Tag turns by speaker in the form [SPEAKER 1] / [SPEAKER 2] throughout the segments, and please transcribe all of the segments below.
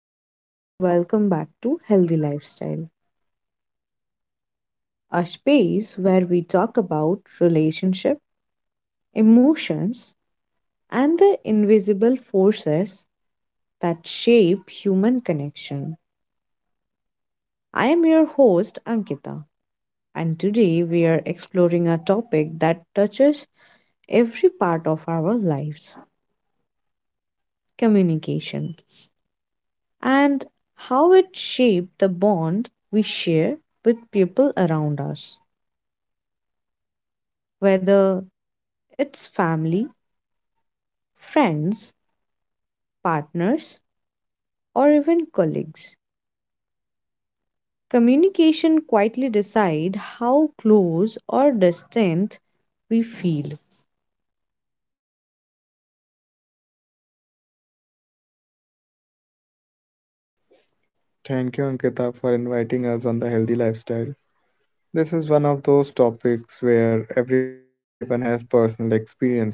[SPEAKER 1] everyone, and welcome back to Healthy Lifestyle, a space where we talk about relationship, emotions, and the invisible forces that shape human connection. I am your host, Ankita, and today we are exploring a topic that touches every part of our lives: communication, and how it shapes the bond we share with people around us, whether it's family, friends, partners, or even colleagues. Communication quietly decide how close or distant we feel.
[SPEAKER 2] Thank you, Ankita, for inviting us on the healthy lifestyle. This is one of those topics where everyone has personal experiences.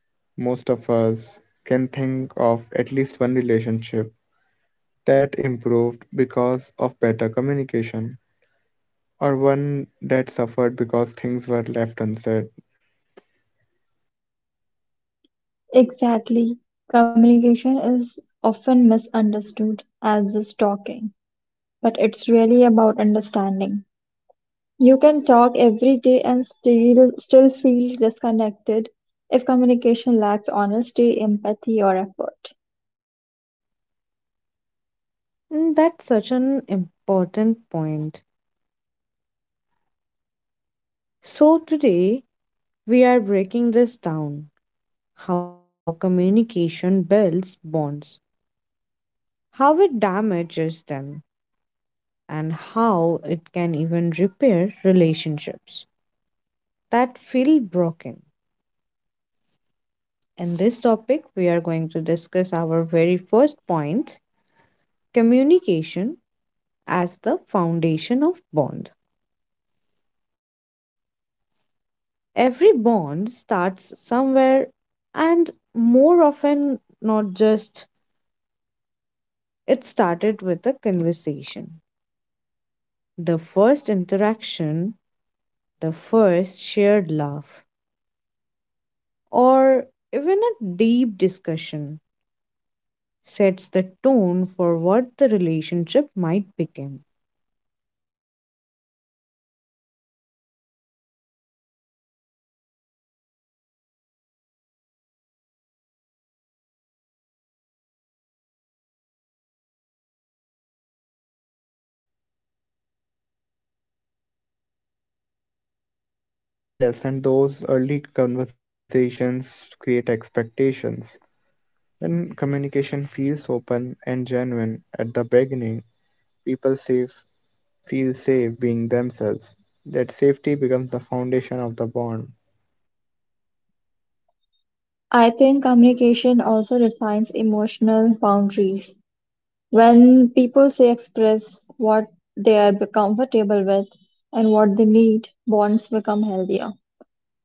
[SPEAKER 2] Most of us can think of at least one relationship that improved because of better communication, or one that suffered because things were left unsaid.
[SPEAKER 3] Exactly. Communication is often misunderstood as just talking, but it's really about understanding. You can talk every day and still feel disconnected if communication lacks honesty, empathy, or effort.
[SPEAKER 1] That's such an important point. So today we are breaking this down: how communication builds bonds, how it damages them, and how it can even repair relationships that feel broken. In this topic, we are going to discuss our very first point: communication as the foundation of bond. Every bond starts somewhere, and more often not just, it started with a conversation. The first interaction, the first shared laugh, or even a deep discussion sets the tone for what the relationship might become.
[SPEAKER 2] Yes, and those early conversations create expectations. When communication feels open and genuine at the beginning, people save feel safe being themselves. That safety becomes the foundation of the bond.
[SPEAKER 3] I think communication also defines emotional boundaries. When people say express what they are comfortable with and what they need, bonds become healthier.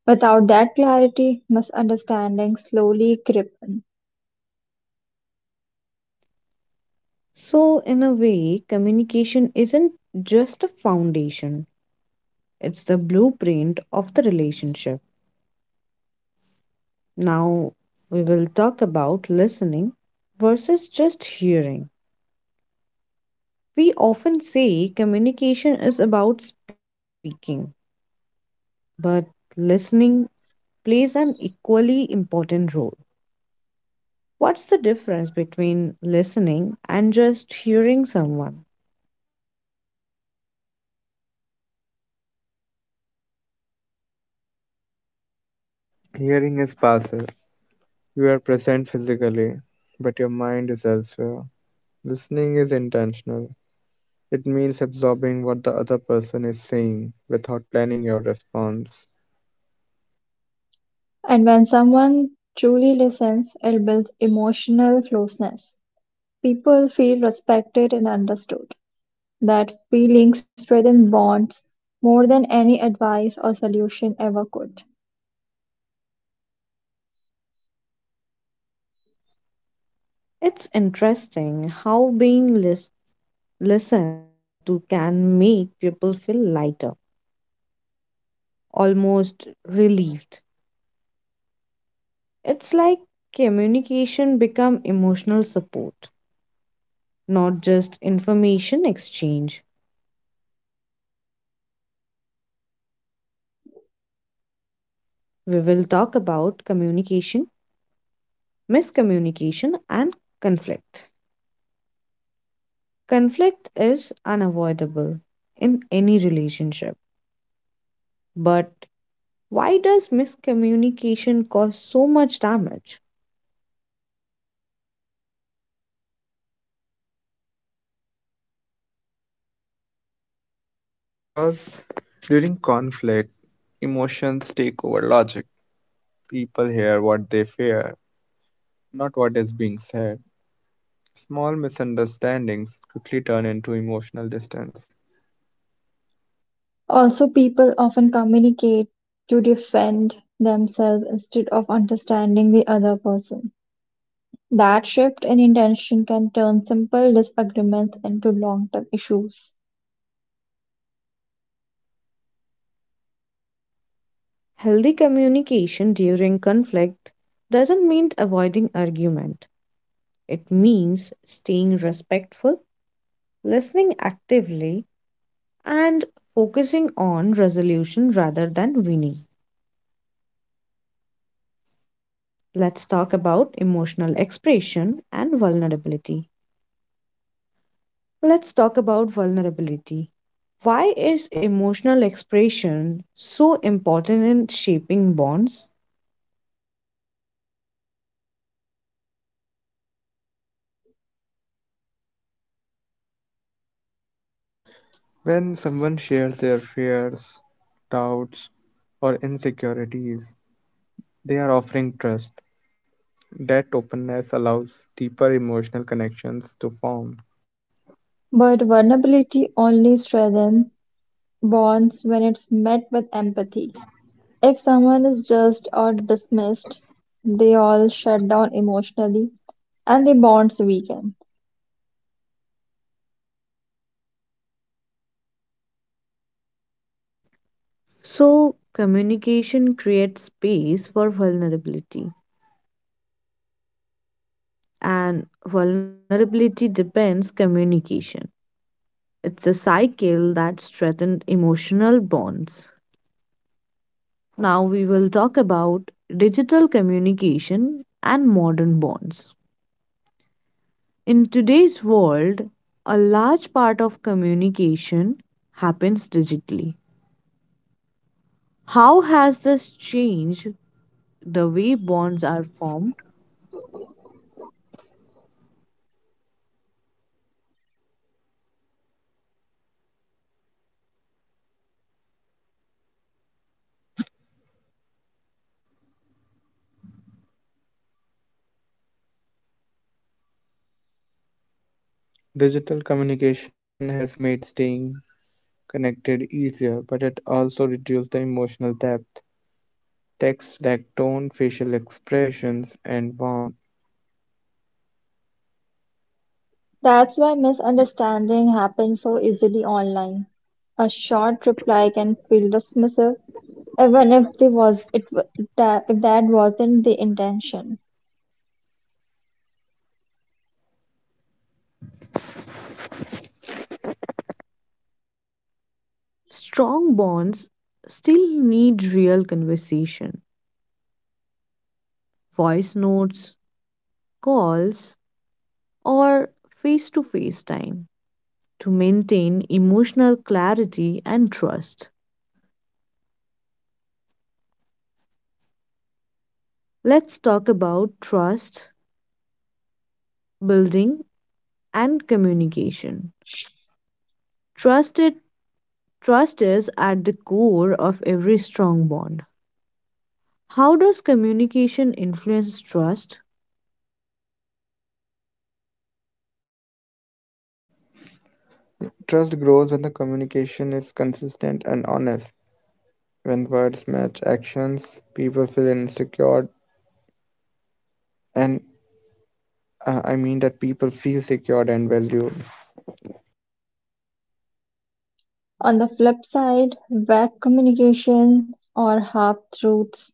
[SPEAKER 3] Without that clarity, misunderstandings slowly creep in.
[SPEAKER 1] So, in a way, communication isn't just a foundation, it's the blueprint of the relationship. Now, we will talk about listening versus just hearing. We often say communication is about speaking, but listening plays an equally important role. What's the difference between listening and just hearing someone?
[SPEAKER 2] Hearing is passive. You are present physically, but your mind is elsewhere. Listening is intentional. It means absorbing what the other person is saying without planning your response.
[SPEAKER 3] And when someone truly listens, it builds emotional closeness. People feel respected and understood. That feeling strengthens bonds more than any advice or solution ever could.
[SPEAKER 1] It's interesting how being listened listen to can make people feel lighter, almost relieved. It's like communication become emotional support, not just information exchange. We will talk about communication, miscommunication and conflict. Conflict is unavoidable in any relationship, but why does miscommunication cause so much damage?
[SPEAKER 2] Because during conflict, emotions take over logic. People hear what they fear, not what is being said. Small misunderstandings quickly turn into emotional distance.
[SPEAKER 3] Also, people often communicate to defend themselves instead of understanding the other person. That shift in intention can turn simple disagreements into long term issues.
[SPEAKER 1] Healthy communication during conflict doesn't mean avoiding argument. It means staying respectful, listening actively, and focusing on resolution rather than winning. Let's talk about emotional expression and vulnerability. Let's talk about vulnerability. Why is emotional expression so important in shaping bonds?
[SPEAKER 2] When someone shares their fears, doubts, or insecurities, they are offering trust. That openness allows deeper emotional connections to form.
[SPEAKER 3] But vulnerability only strengthens bonds when it's met with empathy. If someone is judged or dismissed, they all shut down emotionally and the bonds weaken.
[SPEAKER 1] So, communication creates space for vulnerability, and vulnerability depends communication. It's a cycle that strengthens emotional bonds. Now, we will talk about digital communication and modern bonds. In today's world, a large part of communication happens digitally. How has this changed the way bonds are formed?
[SPEAKER 2] Digital communication has made staying connected easier, but it also reduces the emotional depth. Texts lack tone, facial expressions, and warmth.
[SPEAKER 3] That's why misunderstanding happens so easily online. A short reply can feel dismissive, even if the was it wa- that, if that wasn't the intention.
[SPEAKER 1] Strong bonds still need real conversation, voice notes, calls, or face to face time to maintain emotional clarity and trust. Let's talk about trust building and communication. Trusted trust is at the core of every strong bond. How does communication influence trust?
[SPEAKER 2] Trust grows when the communication is consistent and honest. When words match actions, people feel insecure and I mean that people feel secured and valued.
[SPEAKER 3] On the flip side, vague communication or half truths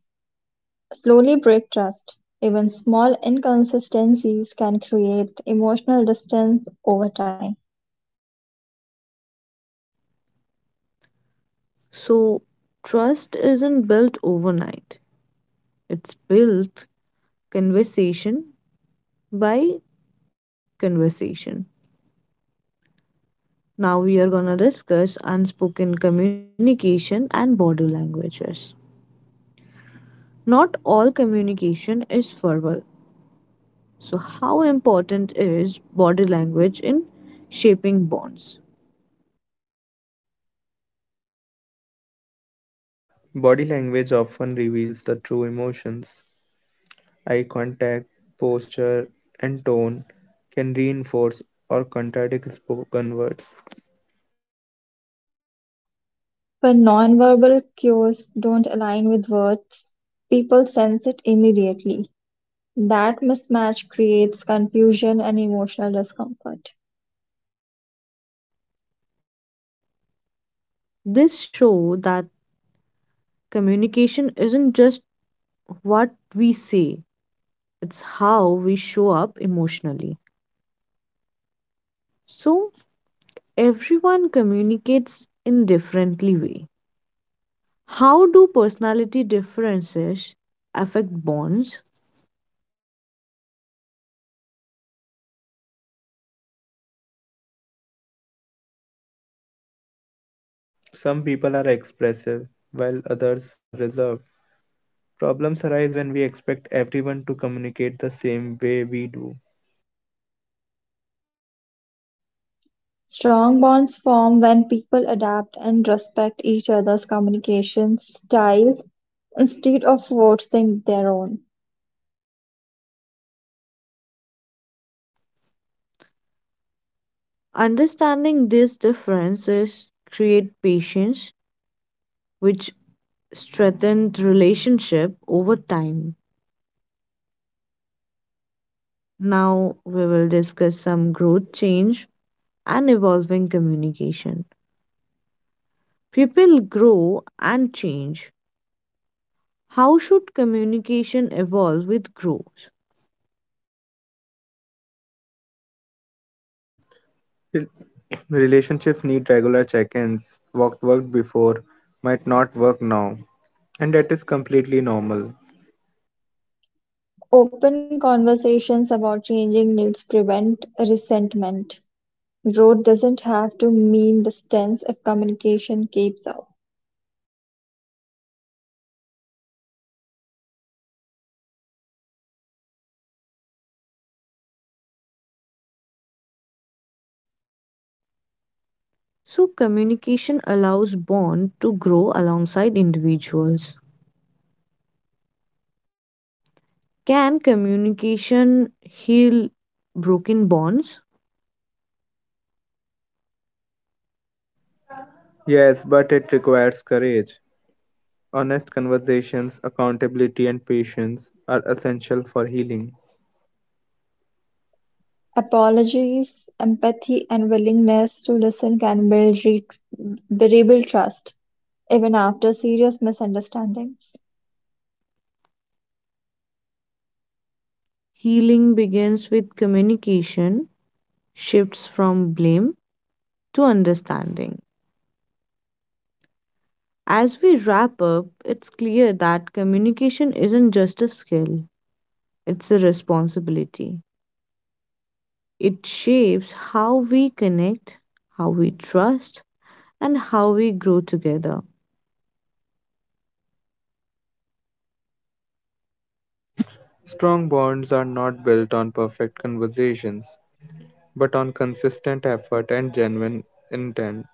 [SPEAKER 3] slowly break trust; even small inconsistencies can create emotional distance over time.
[SPEAKER 1] So, trust isn't built overnight. It's built conversation by conversation. Now we are gonna discuss unspoken communication and body languages. Not all communication is verbal. So how important is body language in shaping bonds?
[SPEAKER 2] Body language often reveals the true emotions. Eye contact, posture, and tone can reinforce or contradict spoken words.
[SPEAKER 3] When nonverbal cues don't align with words, people sense it immediately. That mismatch creates confusion and emotional discomfort.
[SPEAKER 1] This show that communication isn't just what we say, it's how we show up emotionally. So everyone communicates in differently way. How do personality differences affect bonds?
[SPEAKER 2] Some people are expressive, while others are reserved. Problems arise when we expect everyone to communicate the same way we do.
[SPEAKER 3] Strong bonds form when people adapt and respect each other's communication style instead of forcing their own.
[SPEAKER 1] Understanding these differences create patience which strengthens relationship over time. Now we will discuss some growth change and evolving communication. People grow and change. How should communication evolve with growth?
[SPEAKER 2] Rel- Relationships need regular check ins. What worked before might not work now, and that is completely normal.
[SPEAKER 3] Open conversations about changing needs prevent resentment. Road doesn't have to mean distance if communication keeps up.
[SPEAKER 1] So communication allows bond to grow alongside individuals. Can communication heal broken bonds?
[SPEAKER 2] Yes, but it requires courage. Honest conversations, accountability, and patience are essential for healing.
[SPEAKER 3] Apologies, empathy, and willingness to listen can rebuild trust even after serious misunderstandings.
[SPEAKER 1] Healing begins with communication, shifts from blame to understanding. As we wrap up, it's clear that communication isn't just a skill, it's a responsibility. It shapes how we connect, how we trust, and how we grow together.
[SPEAKER 2] Strong bonds are not built on perfect conversations, but on consistent effort and genuine intent.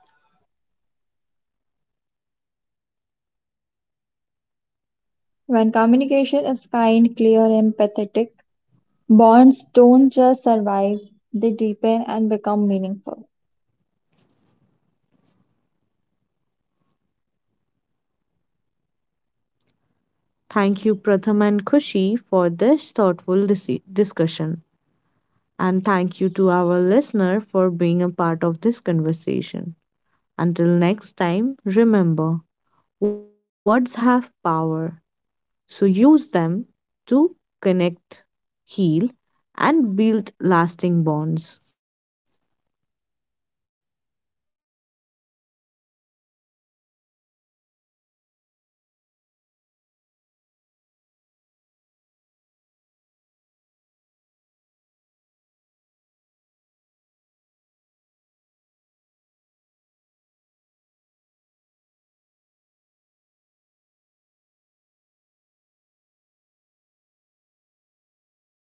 [SPEAKER 3] When communication is kind, clear, and empathetic, bonds don't just survive, they deepen and become meaningful.
[SPEAKER 1] Thank you, Pratham and Kushi, for this thoughtful discussion. And thank you to our listener for being a part of this conversation. Until next time, remember, words have power, so use them to connect, heal, and build lasting bonds.